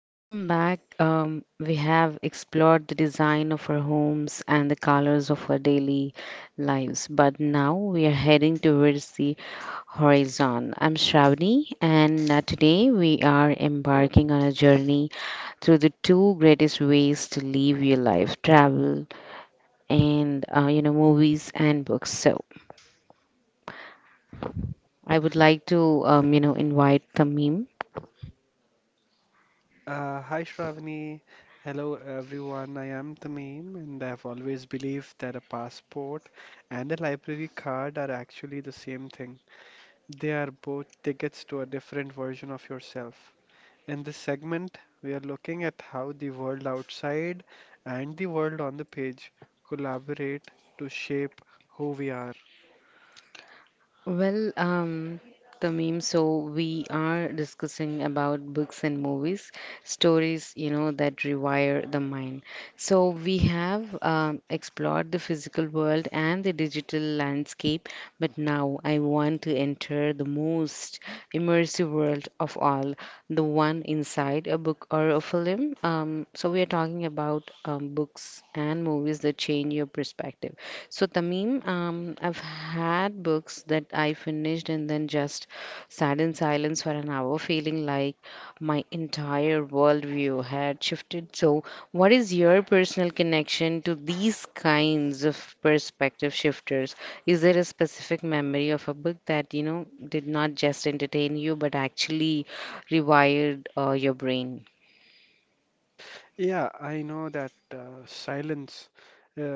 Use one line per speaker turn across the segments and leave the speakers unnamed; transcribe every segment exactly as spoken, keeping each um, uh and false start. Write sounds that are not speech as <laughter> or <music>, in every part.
Welcome back. Um, we have explored the design of our homes and the colors of our daily lives, but now we are heading towards the horizon. I'm Shravani, and uh, today we are embarking on a journey through the two greatest ways to live your life: travel and uh, you know movies and books. So I would like to um, you know invite Tamim.
Uh, hi Shravani. Hello everyone. I am Tamim, and I've always believed that a passport and a library card are actually the same thing. They are both tickets to a different version of yourself. In this segment, we are looking at how the world outside and the world on the page collaborate to shape who we are.
Well, um, Tamim, so we are discussing about books and movies, stories, you know, that rewire the mind. So we have um, explored the physical world and the digital landscape, but now I want to enter the most immersive world of all, the one inside a book or a film. Um, so we are talking about um, books and movies that change your perspective. So, Tamim, um, I've had books that I finished and then just sat in silence for an hour, feeling like my entire worldview had shifted. So, what is your personal connection to these kinds of perspective shifters? Is there a specific memory of a book that, you know, did not just entertain you but actually rewired uh, your brain?
Yeah, I know that uh, silence,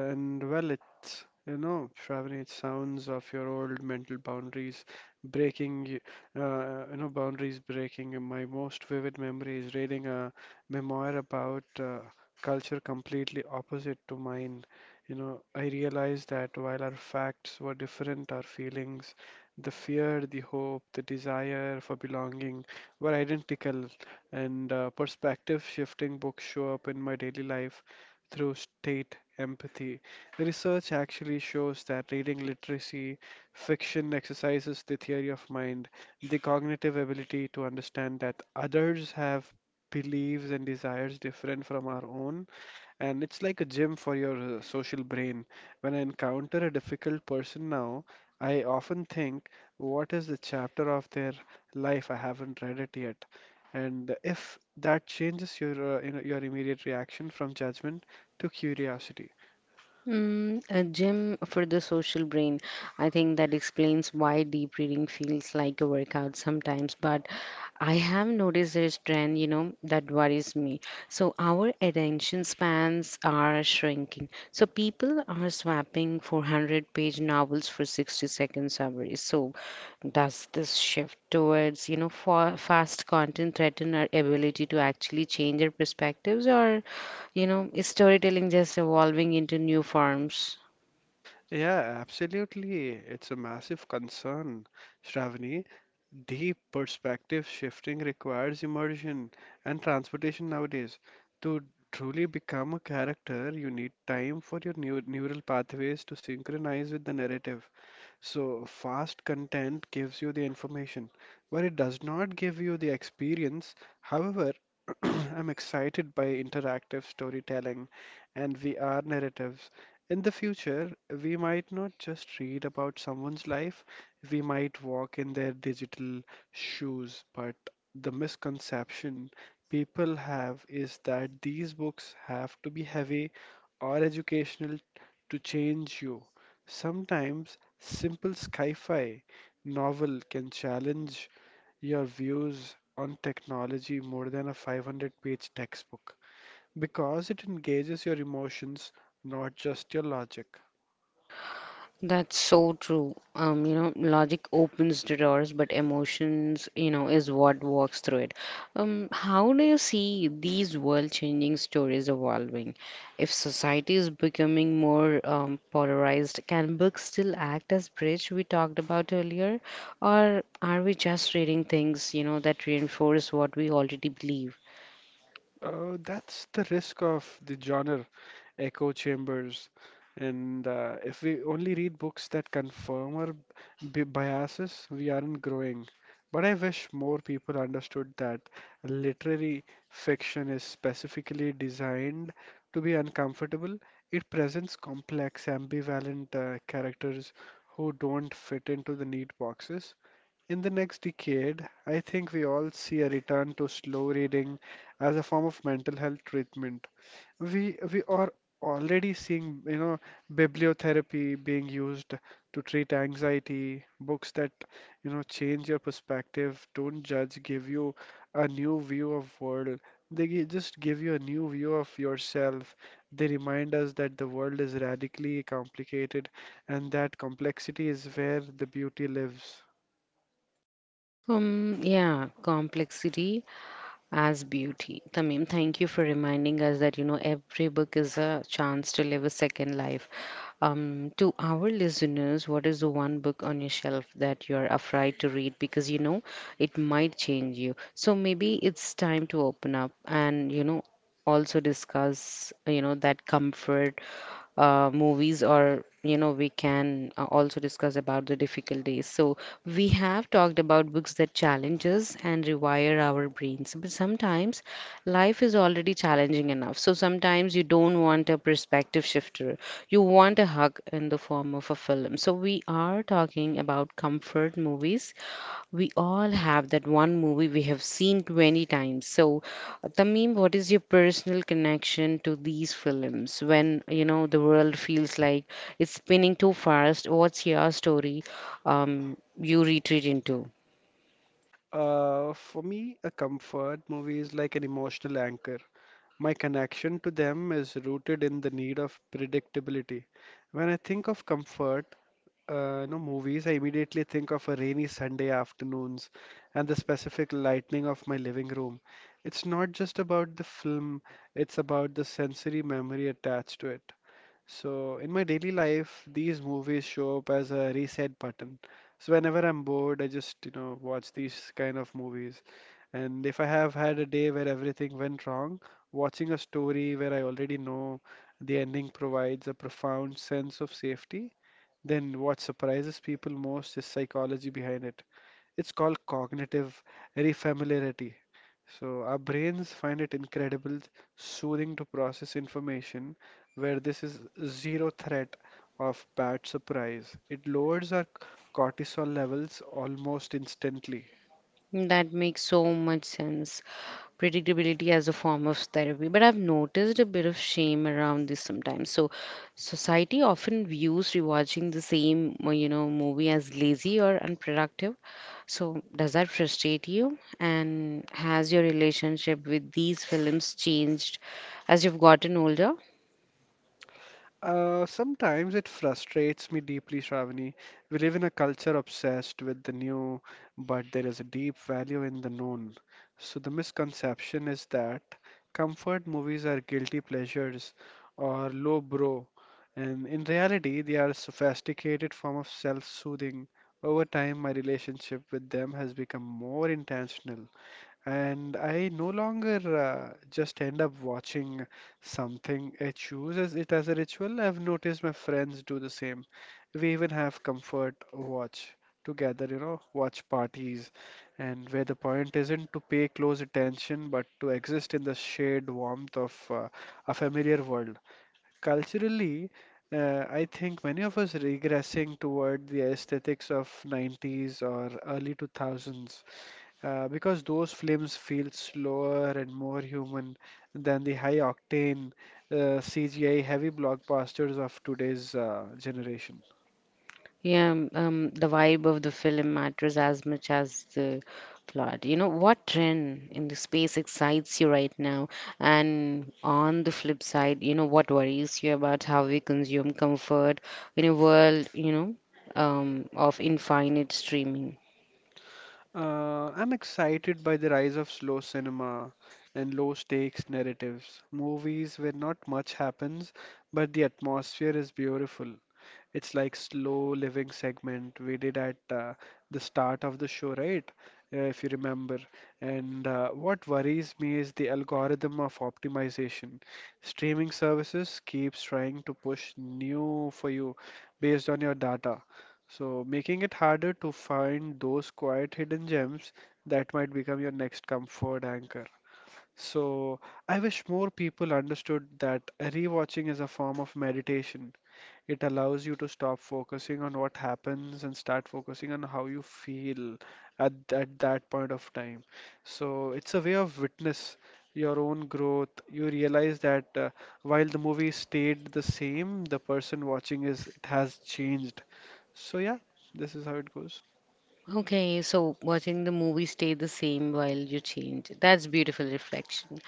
uh, and well, it's, you know, Shravani, it sounds of your old mental boundaries breaking, y- uh, you know, boundaries breaking. And my most vivid memory is reading a memoir about uh, culture completely opposite to mine. You know, I realized that while our facts were different, our feelings, the fear, the hope, the desire for belonging were identical, and uh, perspective shifting books show up in my daily life through state empathy. Research actually shows that reading literacy fiction exercises the theory of mind, the cognitive ability to understand that others have beliefs and desires different from our own, and it's like a gym for your uh, social brain. When I encounter a difficult person now, I often think, what is the chapter of their life? I haven't read it yet. And if that changes your, uh, you know, your immediate reaction from judgment to curiosity.
Mm, a gym for the social brain. I think that explains why deep reading feels like a workout sometimes, but I have noticed this trend, you know, that worries me. So our attention spans are shrinking. So people are swapping four hundred-page novels for sixty second summaries. So does this shift towards, you know, fa fast content threaten our ability to actually change our perspectives, or you know, is storytelling just evolving into new forms?
Yeah, absolutely. It's a massive concern, Shravani. Deep perspective shifting requires immersion and transportation nowadays. To truly become a character, you need time for your neu- neural pathways to synchronize with the narrative. So, fast content gives you the information, but it does not give you the experience. However, <clears throat> I'm excited by interactive storytelling and V R narratives. In the future, we might not just read about someone's life, we might walk in their digital shoes. But the misconception people have is that these books have to be heavy or educational to change you. Sometimes simple sci fi novel can challenge your views on technology more than a five hundred page textbook, because it engages your emotions, not just your logic.
That's so true. Um, you know, logic opens the doors, but emotions, you know, is what walks through it. Um, how do you see these world-changing stories evolving? If society is becoming more um, polarized, can books still act as bridge we talked about earlier, or are we just reading things, you know, that reinforce what we already believe?
Uh, that's the risk of the genre echo chambers. And uh, if we only read books that confirm our b- biases, we aren't growing. But I wish more people understood that literary fiction is specifically designed to be uncomfortable. It presents complex, ambivalent uh, characters who don't fit into the neat boxes. In the next decade, I think we all see a return to slow reading as a form of mental health treatment. We we are already seeing, you know, bibliotherapy being used to treat anxiety. Books that, you know, change your perspective, don't judge, give you a new view of world. They gi- just give you a new view of yourself. They remind us that the world is radically complicated, and that complexity is where the beauty lives.
Um, yeah, complexity as beauty. Tamim, thank you for reminding us that you know every book is a chance to live a second life. Um, to our listeners, what is the one book on your shelf that you're afraid to read because you know it might change you? So maybe it's time to open up and you know also discuss you know that comfort uh, movies, or you know we can uh, also discuss about the difficulties. So we have talked about books that challenges and rewire our brains, but sometimes life is already challenging enough, so sometimes you don't want a perspective shifter, you want a hug in the form of a film. So we are talking about comfort movies. We all have that one movie we have seen twenty times. So, uh, Tamim, what is your personal connection to these films when, you know, the world feels like it's spinning too fast? What's your story um, you retreat into?
Uh, for me, a comfort movie is like an emotional anchor. My connection to them is rooted in the need of predictability. When I think of comfort, uh, you know, movies, I immediately think of a rainy Sunday afternoons and the specific lighting of my living room. It's not just about the film, it's about the sensory memory attached to it. So, in my daily life, these movies show up as a reset button. So, whenever I'm bored, I just, you know, watch these kind of movies. And if I have had a day where everything went wrong, watching a story where I already know the ending provides a profound sense of safety. Then what surprises people most is psychology behind it. It's called cognitive refamiliarity. So our brains find it incredible, soothing to process information where this is zero threat of bad surprise. It lowers our cortisol levels almost instantly.
That makes so much sense. Predictability as a form of therapy. But I've noticed a bit of shame around this sometimes. So, society often views rewatching the same, uh, you know, movie as lazy or unproductive. So, does that frustrate you? And has your relationship with these films changed as you've gotten older?
Uh, sometimes it frustrates me deeply, Shravani. We live in a culture obsessed with the new, but there is a deep value in the known. So the misconception is that comfort movies are guilty pleasures or low bro, and in reality, they are a sophisticated form of self-soothing. Over time, my relationship with them has become more intentional. And I no longer uh, just end up watching something. I choose as it as a ritual. I've noticed my friends do the same. We even have comfort watch together, you know, watch parties, and where the point isn't to pay close attention, but to exist in the shared warmth of uh, a familiar world. Culturally, uh, I think many of us regressing toward the aesthetics of nineties or early two thousands, uh, because those films feel slower and more human than the high octane uh, C G I heavy blockbusters of today's uh, generation.
Yeah, um, um, the vibe of the film matters as much as the plot. You know, what trend in the space excites you right now? And on the flip side, you know, what worries you about how we consume comfort in a world, you know, um, of infinite streaming?
Uh, I'm excited by the rise of slow cinema and low stakes narratives, movies where not much happens, but the atmosphere is beautiful. It's like slow living segment we did at uh, the start of the show, right? Uh, if you remember. And uh, what worries me is the algorithm of optimization. Streaming services keeps trying to push new for you based on your data, so making it harder to find those quiet hidden gems that might become your next comfort anchor. So, I wish more people understood that rewatching is a form of meditation. It allows you to stop focusing on what happens and start focusing on how you feel at, at that point of time. So it's a way of witness your own growth. You realize that uh, while the movie stayed the same, the person watching is it has changed. So yeah, this is how it goes.
Okay, so watching the movie stay the same while you change. That's beautiful reflection.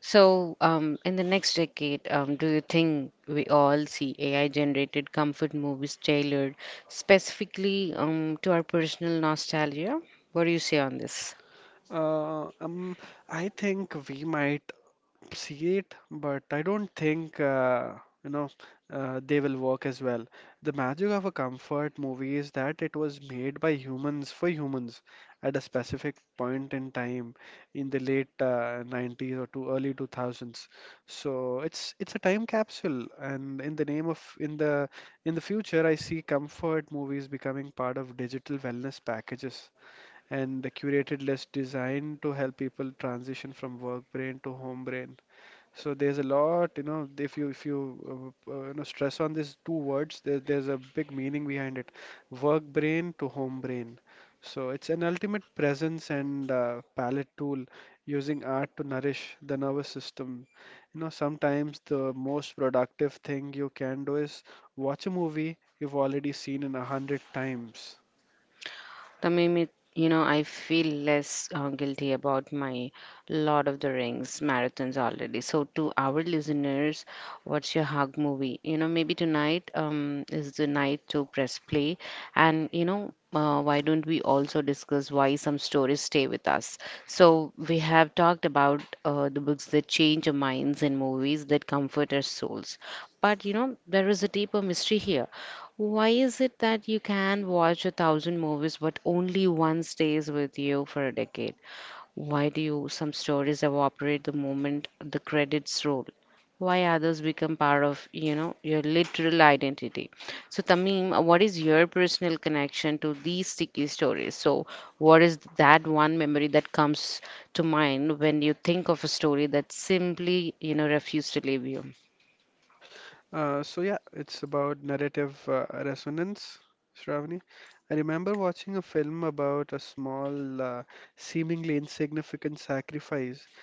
So, um, in the next decade, um, do you think we all see A I-generated comfort movies tailored specifically um, to our personal nostalgia? What do you say on this?
Uh, um, I think we might see it, but I don't think uh, you know uh, they will work as well. The magic of a comfort movie is that it was made by humans for humans at a specific point in time in the late uh, nineties or to early two thousands. So it's it's a time capsule, and in the name of in the in the future, I see comfort movies becoming part of digital wellness packages and a curated list designed to help people transition from work brain to home brain. So there's a lot, you know, if you if you uh, uh, you know stress on these two words, there, there's a big meaning behind it. Work brain to home brain. So it's an ultimate presence and uh, palette tool using art to nourish the nervous system. You know, sometimes the most productive thing you can do is watch a movie you've already seen in a hundred times.
Tamim, it- you know, I feel less uh, guilty about my Lord of the Rings marathons already. So, to our listeners, what's your hug movie? You know, maybe tonight um, is the night to press play. And, you know, uh, why don't we also discuss why some stories stay with us? So, we have talked about uh, the books that change our minds and movies that comfort our souls. But, you know, there is a deeper mystery here. Why is it that you can watch a thousand movies, but only one stays with you for a decade? Why do you, some stories evaporate the moment the credits roll? Why others become part of, you know, your literal identity? So, Tamim, uh, what is your personal connection to these sticky stories? So, what is that one memory that comes to mind when you think of a story that simply, you know, refused to leave you?
Uh, so yeah, it's about narrative uh, resonance, Shravani. I remember watching a film about a small, uh, seemingly insignificant sacrifice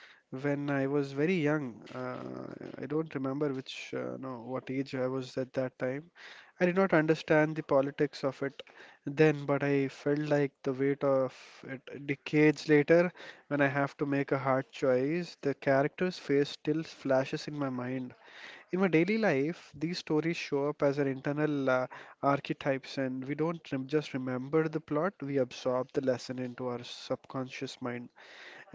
when I was very young. Uh, I don't remember which, uh, no, what age I was at that time. I did not understand the politics of it then, but I felt like the weight of it decades later when I have to make a hard choice. The character's face still flashes in my mind. In our daily life, these stories show up as our internal uh, archetypes, and we don't rem- just remember the plot, we absorb the lesson into our subconscious mind.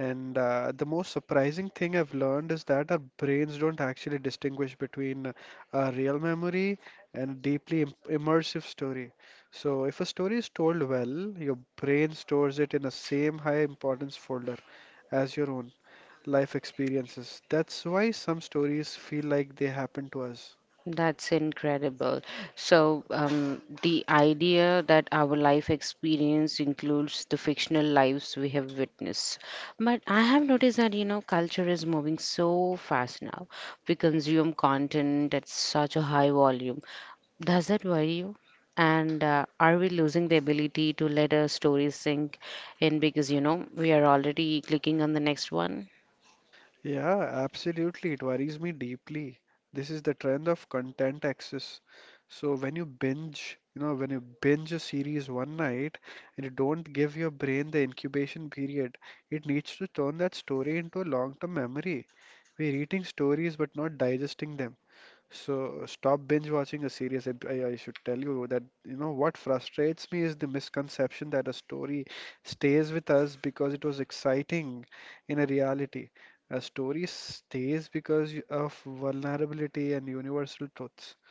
And uh, the most surprising thing I've learned is that our brains don't actually distinguish between uh, a real memory and a deeply Im- immersive story. So, if a story is told well, your brain stores it in the same high importance folder as your own life experiences. That's why some stories feel like they happen to us.
That's incredible. So, um, the idea that our life experience includes the fictional lives we have witnessed. But I have noticed that, you know, culture is moving so fast now. We consume content at such a high volume. Does that worry you? And uh, are we losing the ability to let a story sink in because, you know, we are already clicking on the next one?
Yeah, absolutely. It worries me deeply. This is the trend of content access. So when you binge, you know, when you binge a series one night and you don't give your brain the incubation period, it needs to turn that story into a long-term memory. We're eating stories but not digesting them. So stop binge watching a series. I, I I should tell you that you know what frustrates me is the misconception that a story stays with us because it was exciting in a reality. A story stays because y- of vulnerability and universal truths.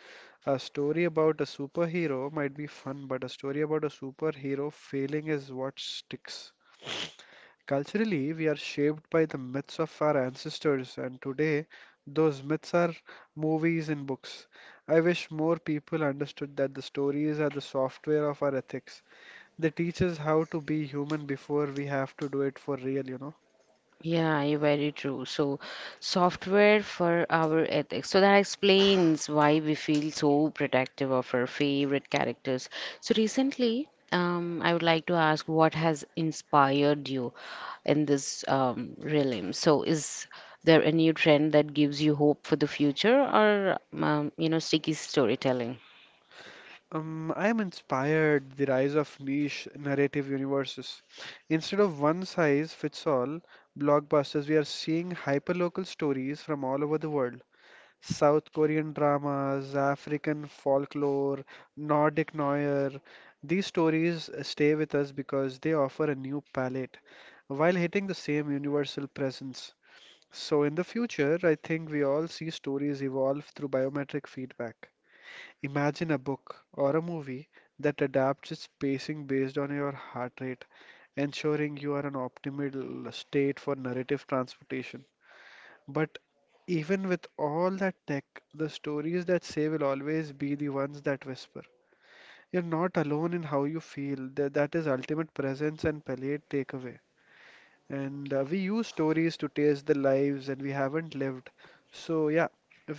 A story about a superhero might be fun, but a story about a superhero failing is what sticks. Culturally, we are shaped by the myths of our ancestors, and today those myths are movies and books. I wish more people understood that the stories are the software of our ethics. They teach us how to be human before we have to do it for real, you know.
Yeah, you're very true. So, software for our ethics. So, that explains why we feel so protective of our favorite characters. So, recently, um, I would like to ask what has inspired you in this um, realm? So, is there a new trend that gives you hope for the future, or um, you know, sticky storytelling?
Um, I am inspired the rise of niche narrative universes. Instead of one size fits all blockbusters, we are seeing hyperlocal stories from all over the world. South Korean dramas, African folklore, Nordic noir. These stories stay with us because they offer a new palette while hitting the same universal presence. So, in the future, I think we all see stories evolve through biometric feedback. Imagine a book or a movie that adapts its pacing based on your heart rate, ensuring you are in optimal state for narrative transportation. But even with all that tech, the stories that say will always be the ones that whisper. You're not alone in how you feel. That, that is ultimate presence and palliate takeaway. And uh, We use stories to taste the lives and we haven't lived. So, yeah,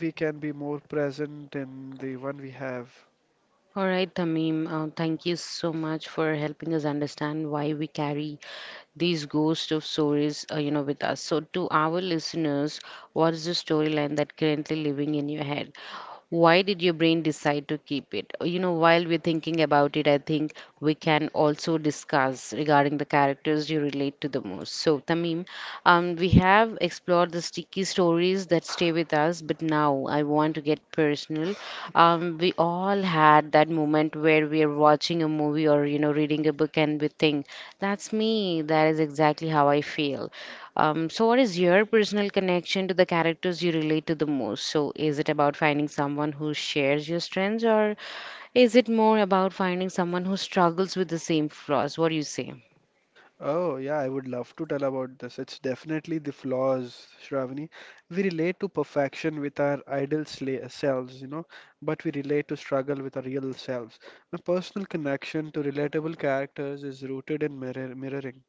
we can be more present in the one we have.
All right, Tamim, uh, thank you so much for helping us understand why we carry these ghost of stories, uh, you know, with us. So, to our listeners, what is the storyline that currently living in your head? Why did your brain decide to keep it? Uh, You know, while we're thinking about it, I think we can also discuss regarding the characters you relate to the most. So, Tamim, um, we have explored the sticky stories that stay with us, but now I want to get personal. Um, we all had that moment where we are watching a movie or you know reading a book and we think that's me. That is exactly how I feel. Um, so, what is your personal connection to the characters you relate to the most? So, is it about finding someone who shares your strengths, or is it more about finding someone who struggles with the same flaws? What do you say?
Oh, yeah, I would love to tell about this. It's definitely the flaws, Shravani. We relate to perfection with our ideal sla- selves, you know, but we relate to struggle with our real selves. My personal connection to relatable characters is rooted in mirror mirroring.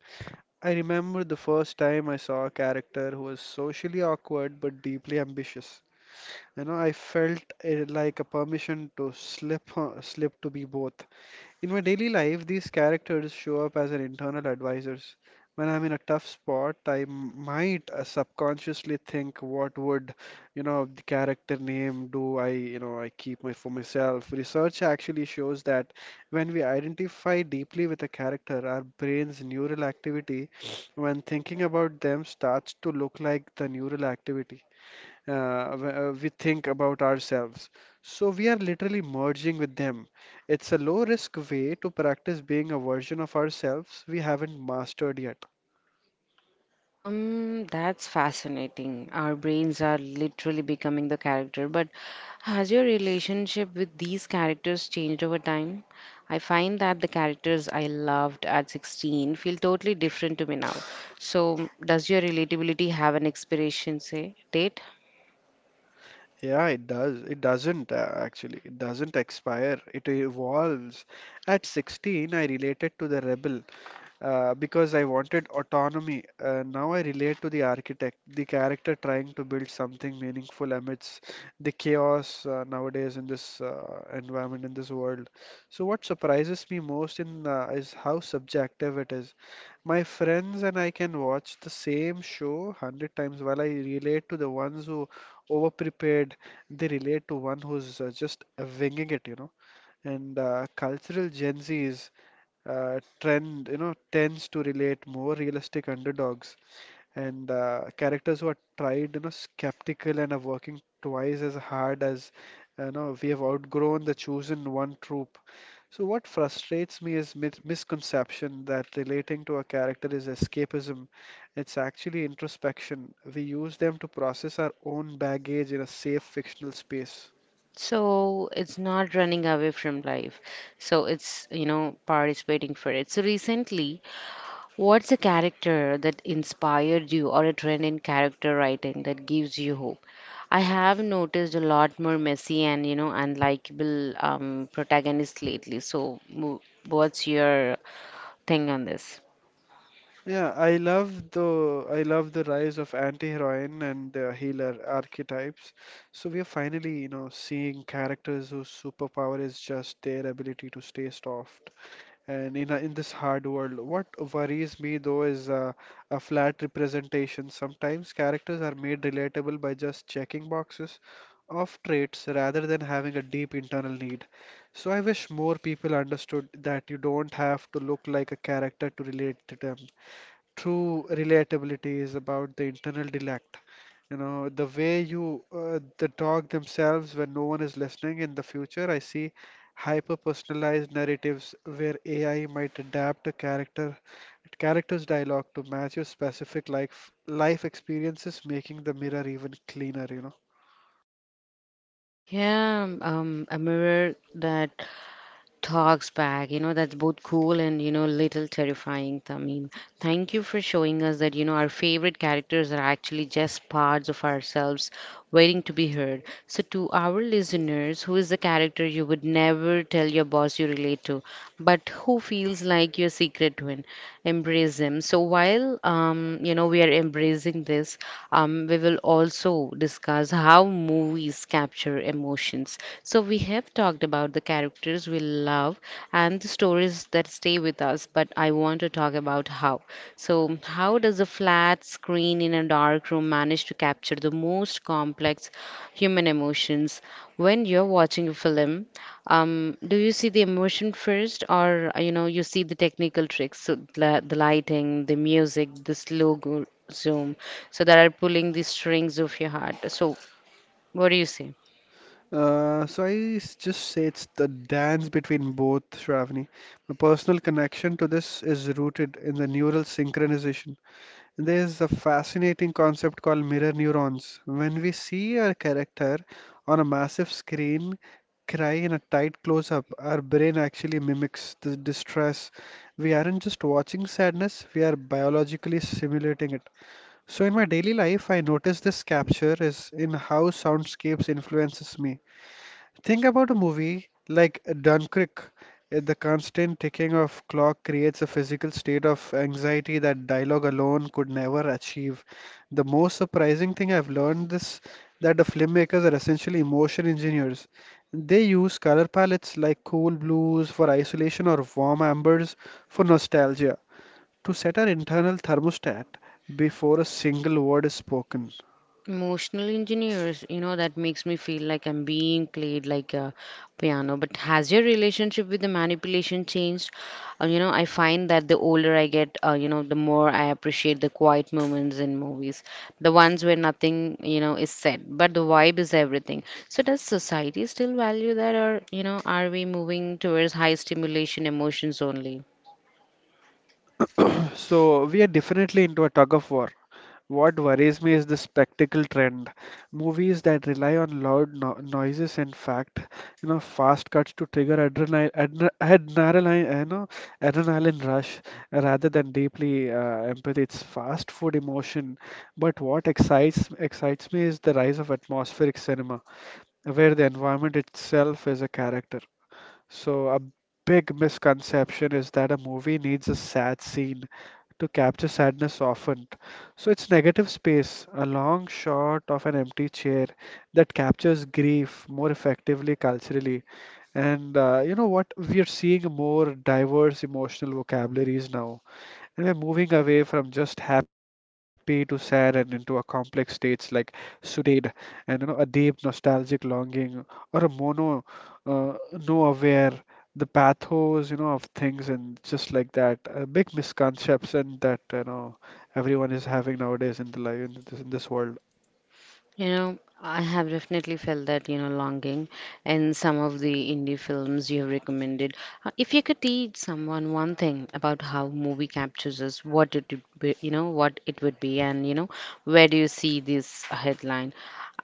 I remember the first time I saw a character who was socially awkward but deeply ambitious. You know, I felt eh, like a permission to slip, uh, slip to be both. In my daily life, these characters show up as an internal advisors. When I'm in a tough spot, I m- might uh, subconsciously think, what would, you know, the character name do I, you know, I keep my for myself. Research actually shows that when we identify deeply with a character, our brain's neural activity, when thinking about them, starts to look like the neural activity uh, w- uh, we think about ourselves. So we are literally merging with them. It's a low risk way to practice being a version of ourselves we haven't mastered yet.
Um, that's fascinating. Our brains are literally becoming the character. But has your relationship with these characters changed over time? I find that the characters I loved at sixteen feel totally different to me now. So, does your relatability have an expiration, say, date?
Yeah, it does. It doesn't uh, actually. It doesn't expire. It evolves. At sixteen, I related to the rebel uh, because I wanted autonomy. Uh, now I relate to the architect, the character trying to build something meaningful amidst the chaos uh, nowadays in this uh, environment, in this world. So, what surprises me most in uh, is how subjective it is. My friends and I can watch the same show hundred times while I relate to the ones who overprepared. They relate to one who's uh, just uh, winging it, you know. And uh, Cultural Gen Zs uh, trend, you know, tends to relate more realistic underdogs and uh, characters who are tried, you know, skeptical and are working twice as hard as, you know, we have outgrown the chosen one trope. So what frustrates me is mis misconception that relating to a character is escapism. It's actually introspection. We use them to process our own baggage in a safe fictional space.
So, it's not running away from life. So, it's, you know, participating for it. So, recently, what's a character that inspired you or a trend in character writing that gives you hope? I have noticed a lot more messy and you know unlikable um, protagonists lately. So, mo- what's your thing on this?
Yeah, I love the I love the rise of anti-heroine and the healer archetypes. So we are finally, you know, seeing characters whose superpower is just their ability to stay soft. And in a, in this hard world, what worries me though is uh, a flat representation. Sometimes characters are made relatable by just checking boxes of traits rather than having a deep internal need. So I wish more people understood that you don't have to look like a character to relate to them, true relatability is about the internal dialect. You know, the way you, uh, the talk themselves when no one is listening. In the future, I see hyper-personalized narratives where A I might adapt a character, character's dialogue to match your specific life life experiences, making the mirror even cleaner, you know.
Yeah, um, a mirror that talks back. You know, that's both cool and, you know, little terrifying, Tamim. Thank you for showing us that, you know, our favorite characters are actually just parts of ourselves waiting to be heard. So, to our listeners, who is the character you would never tell your boss you relate to, but who feels like your secret twin? Embrace him. So, while, um, you know, we are embracing this, um, we will also discuss how movies capture emotions. So, we have talked about the characters we love and the stories that stay with us, but I want to talk about how. So, how does a flat screen in a dark room manage to capture the most complex human emotions? When you're watching a film, um, do you see the emotion first, or uh, you know, you see the technical tricks, so the, the lighting, the music, the slow go zoom, so that are pulling the strings of your heart? So, what do you say?
Uh, so I s- just say it's the dance between both, Shravani. My personal connection to this is rooted in the neural synchronization. There's a fascinating concept called mirror neurons. When we see a character on a massive screen cry in a tight close up, our brain actually mimics the distress. We aren't just watching sadness, we are biologically simulating it. So in my daily life, I notice this capture is in how soundscapes influences me. Think about a movie like Dunkirk. Uh, The constant ticking of clock creates a physical state of anxiety that dialogue alone could never achieve. The most surprising thing I've learned is that the filmmakers are essentially emotion engineers. They use color palettes like cool blues for isolation or warm ambers for nostalgia to set our internal thermostat before a single word is spoken.
Emotional engineers, you know, that makes me feel like I'm being played like a piano. But has your relationship with the manipulation changed? Uh, you know, I find that the older I get, uh, you know, the more I appreciate the quiet moments in movies, the ones where nothing, you know, is said, but the vibe is everything. So does society still value that, or you know, are we moving towards high stimulation emotions only?
So we are definitely into a tug of war. What worries me is the spectacle trend. Movies that rely on loud no noises and fact, you know, fast cuts to trigger adrenaline, adre adrenaline, uh, you know, adrenaline rush rather than deeply uh, empathy. It's fast food emotion. But what excites excites me is the rise of atmospheric cinema, where the environment itself is a character. So, a big misconception is that a movie needs a sad scene to capture sadness often. So, it's negative space, a long shot of an empty chair that captures grief more effectively culturally. And uh, You know what? We are seeing more diverse emotional vocabularies now. And we're moving away from just happy to sad and into a complex states like sudade and you know a deep nostalgic longing or a mono uh, no aware, the pathos you know of things and just like that uh, big misconception that you know everyone is having nowadays in the life in this, in this world.
You know, I have definitely felt that, you know, longing in some of the indie films you have recommended. Uh, If you could teach someone one thing about how movie captures us, what it would be, you know, what it would be, and, you know, where do you see this headline?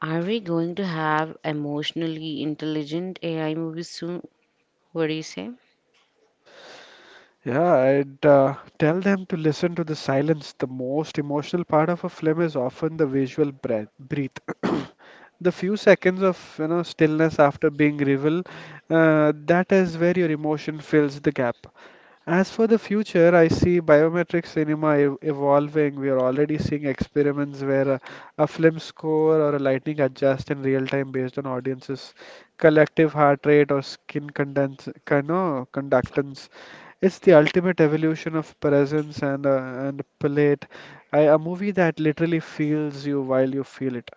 Are we going to have emotionally intelligent A I movies soon? What do you say?
Yeah, I'd uh, tell them to listen to the silence. The most emotional part of a film is often the visual breath, breath. The few seconds of you know stillness after being revealed, uh, that is where your emotion fills the gap. As for the future, I see biometric cinema ev- evolving. We are already seeing experiments where a, a film score or a lighting adjust in real time based on audiences' collective heart rate or skin condens- con- no, conductance. It's the ultimate evolution of presence and uh, and palette. I, a movie that literally feels you while you feel it.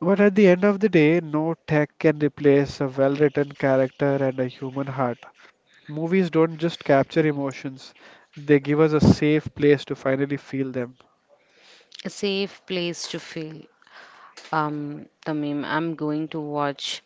But at the end of the day, no tech can replace a well written character and a human heart. Movies don't just capture emotions, they give us a safe place to finally feel them.
A safe place to feel. Um, Tamim, I'm going to watch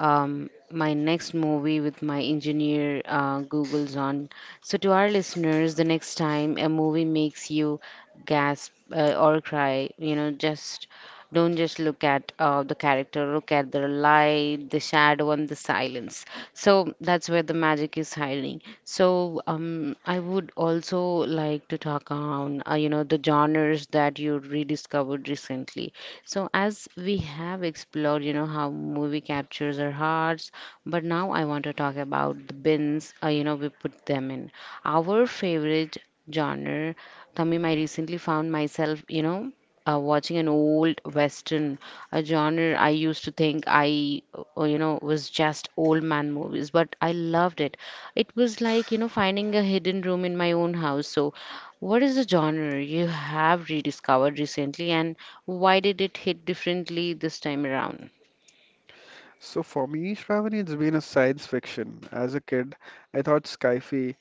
um, my next movie with my engineer uh, Google's on. So, to our listeners, the next time a movie makes you gasp uh, or cry, you know, just don't just look at uh, the character, look at the light, the shadow, and the silence. So, that's where the magic is hiding. So, um, I would also like to talk on, uh, you know, the genres that you rediscovered recently. So, as we have explored, you know, how movie captures our hearts, but now I want to talk about the bins, uh, you know, we put them in. Our favorite genre, Tamim, I recently found myself, you know, uh, watching an old western, a genre I used to think I, uh, you know, was just old man movies, but I loved it. It was like, you know, finding a hidden room in my own house. So, what is the genre you have rediscovered recently, and why did it hit differently this time around?
So for me, Shravani, it's been a science fiction. As a kid, I thought Skyfi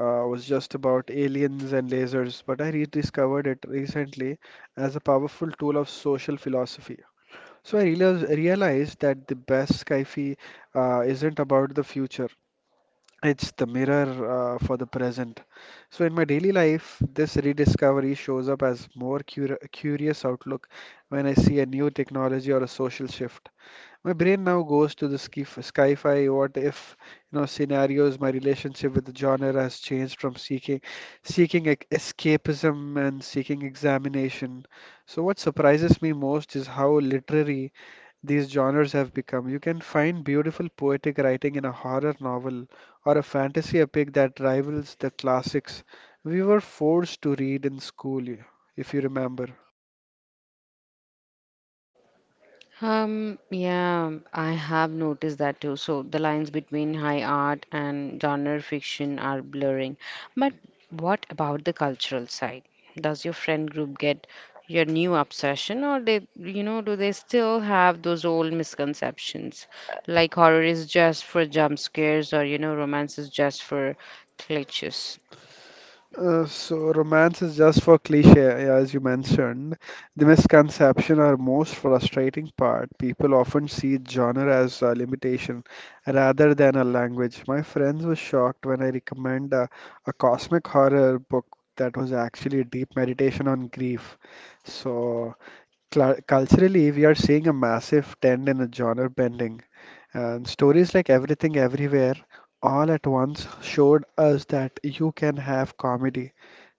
uh, was just about aliens and lasers, but I rediscovered it recently as a powerful tool of social philosophy. So I realized, realized that the best Skyfi uh, isn't about the future. It's the mirror uh, for the present. So, in my daily life, this rediscovery shows up as more cur- curious outlook when I see a new technology or a social shift. My brain now goes to the ski sci-fi what if you know scenarios. My relationship with the genre has changed from seeking seeking ec- escapism and seeking examination. So what surprises me most is how literary these genres have become. You can find beautiful poetic writing in a horror novel or a fantasy epic that rivals the classics we were forced to read in school, y- if you remember.
Um, yeah, I have noticed that too. So the lines between high art and genre fiction are blurring. But what about the cultural side? Does your friend group get your new obsession, or they, you know, do they still have those old misconceptions, like horror is just for jump scares, or you know, romance is just for glitches?
Uh, so romance is just for cliche, yeah, as you mentioned. The misconception or most frustrating part. People often see genre as a limitation rather than a language. My friends were shocked when I recommend a, a cosmic horror book that was actually a deep meditation on grief. So cla culturally, we are seeing a massive trend in a genre bending. And stories like Everything Everywhere all at once showed us that you can have comedy,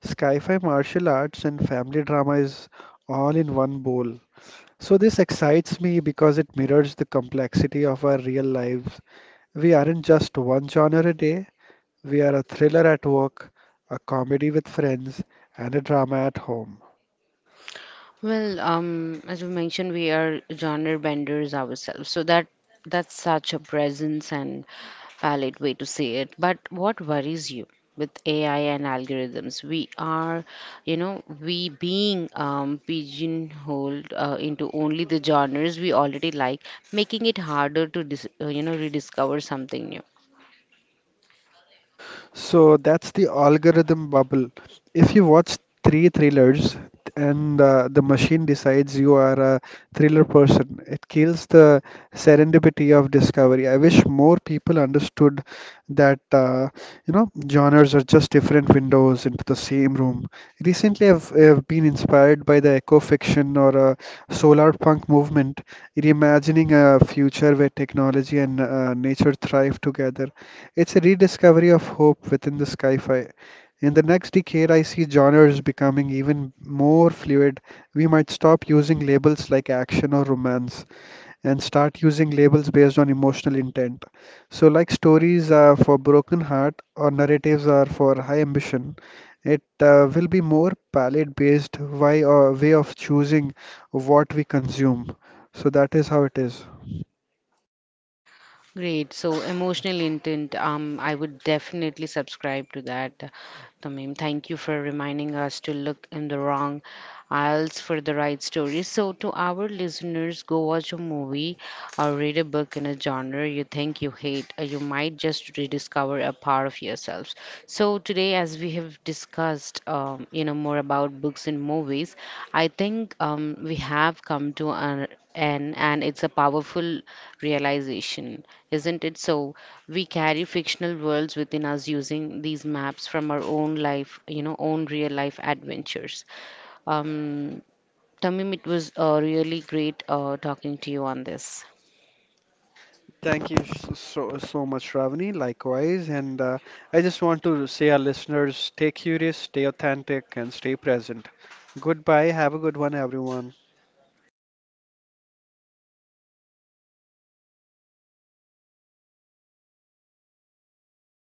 sci-fi, martial arts, and family drama is all in one bowl. So this excites me because it mirrors the complexity of our real lives. We aren't just one genre a day. We are a thriller at work, a comedy with friends, and a drama at home.
Well, um, as we mentioned, we are genre benders ourselves, so that that's such a presence and valid way to say it. But what worries you with A I and algorithms? We are, you know, we being um, pigeonholed uh, into only the genres we already like, making it harder to dis uh, you know rediscover something new.
So that's the algorithm bubble. If you watch three thrillers and uh, the machine decides you are a thriller person, it kills the serendipity of discovery. I wish more people understood that uh, you know genres are just different windows into the same room. Recently, I've, I've been inspired by the eco fiction or uh, solar punk movement, reimagining a future where technology and uh, nature thrive together. It's a rediscovery of hope within the sci fi. In the next decade, I see genres becoming even more fluid. We might stop using labels like action or romance and start using labels based on emotional intent. So, like stories are for broken heart or narratives are for high ambition, it uh, will be more palette based way, uh, way of choosing what we consume. So, that is how it is.
Great. So emotional intent, um, I would definitely subscribe to that, Tamim. Thank you for reminding us to look in the wrong aisles for the right stories. So to our listeners, go watch a movie or read a book in a genre you think you hate, or you might just rediscover a part of yourselves. So today, as we have discussed, um, you know, more about books and movies, I think um, we have come to an end, and it's a powerful realization, isn't it? So we carry fictional worlds within us using these maps from our own life, you know, own real life adventures. Um, Tamim, it was uh, really great uh, talking to you on this.
Thank you s- so so much, Ravani. Likewise, and uh, I just want to say our listeners, stay curious, stay authentic, and stay present. Goodbye. Have a good one, everyone.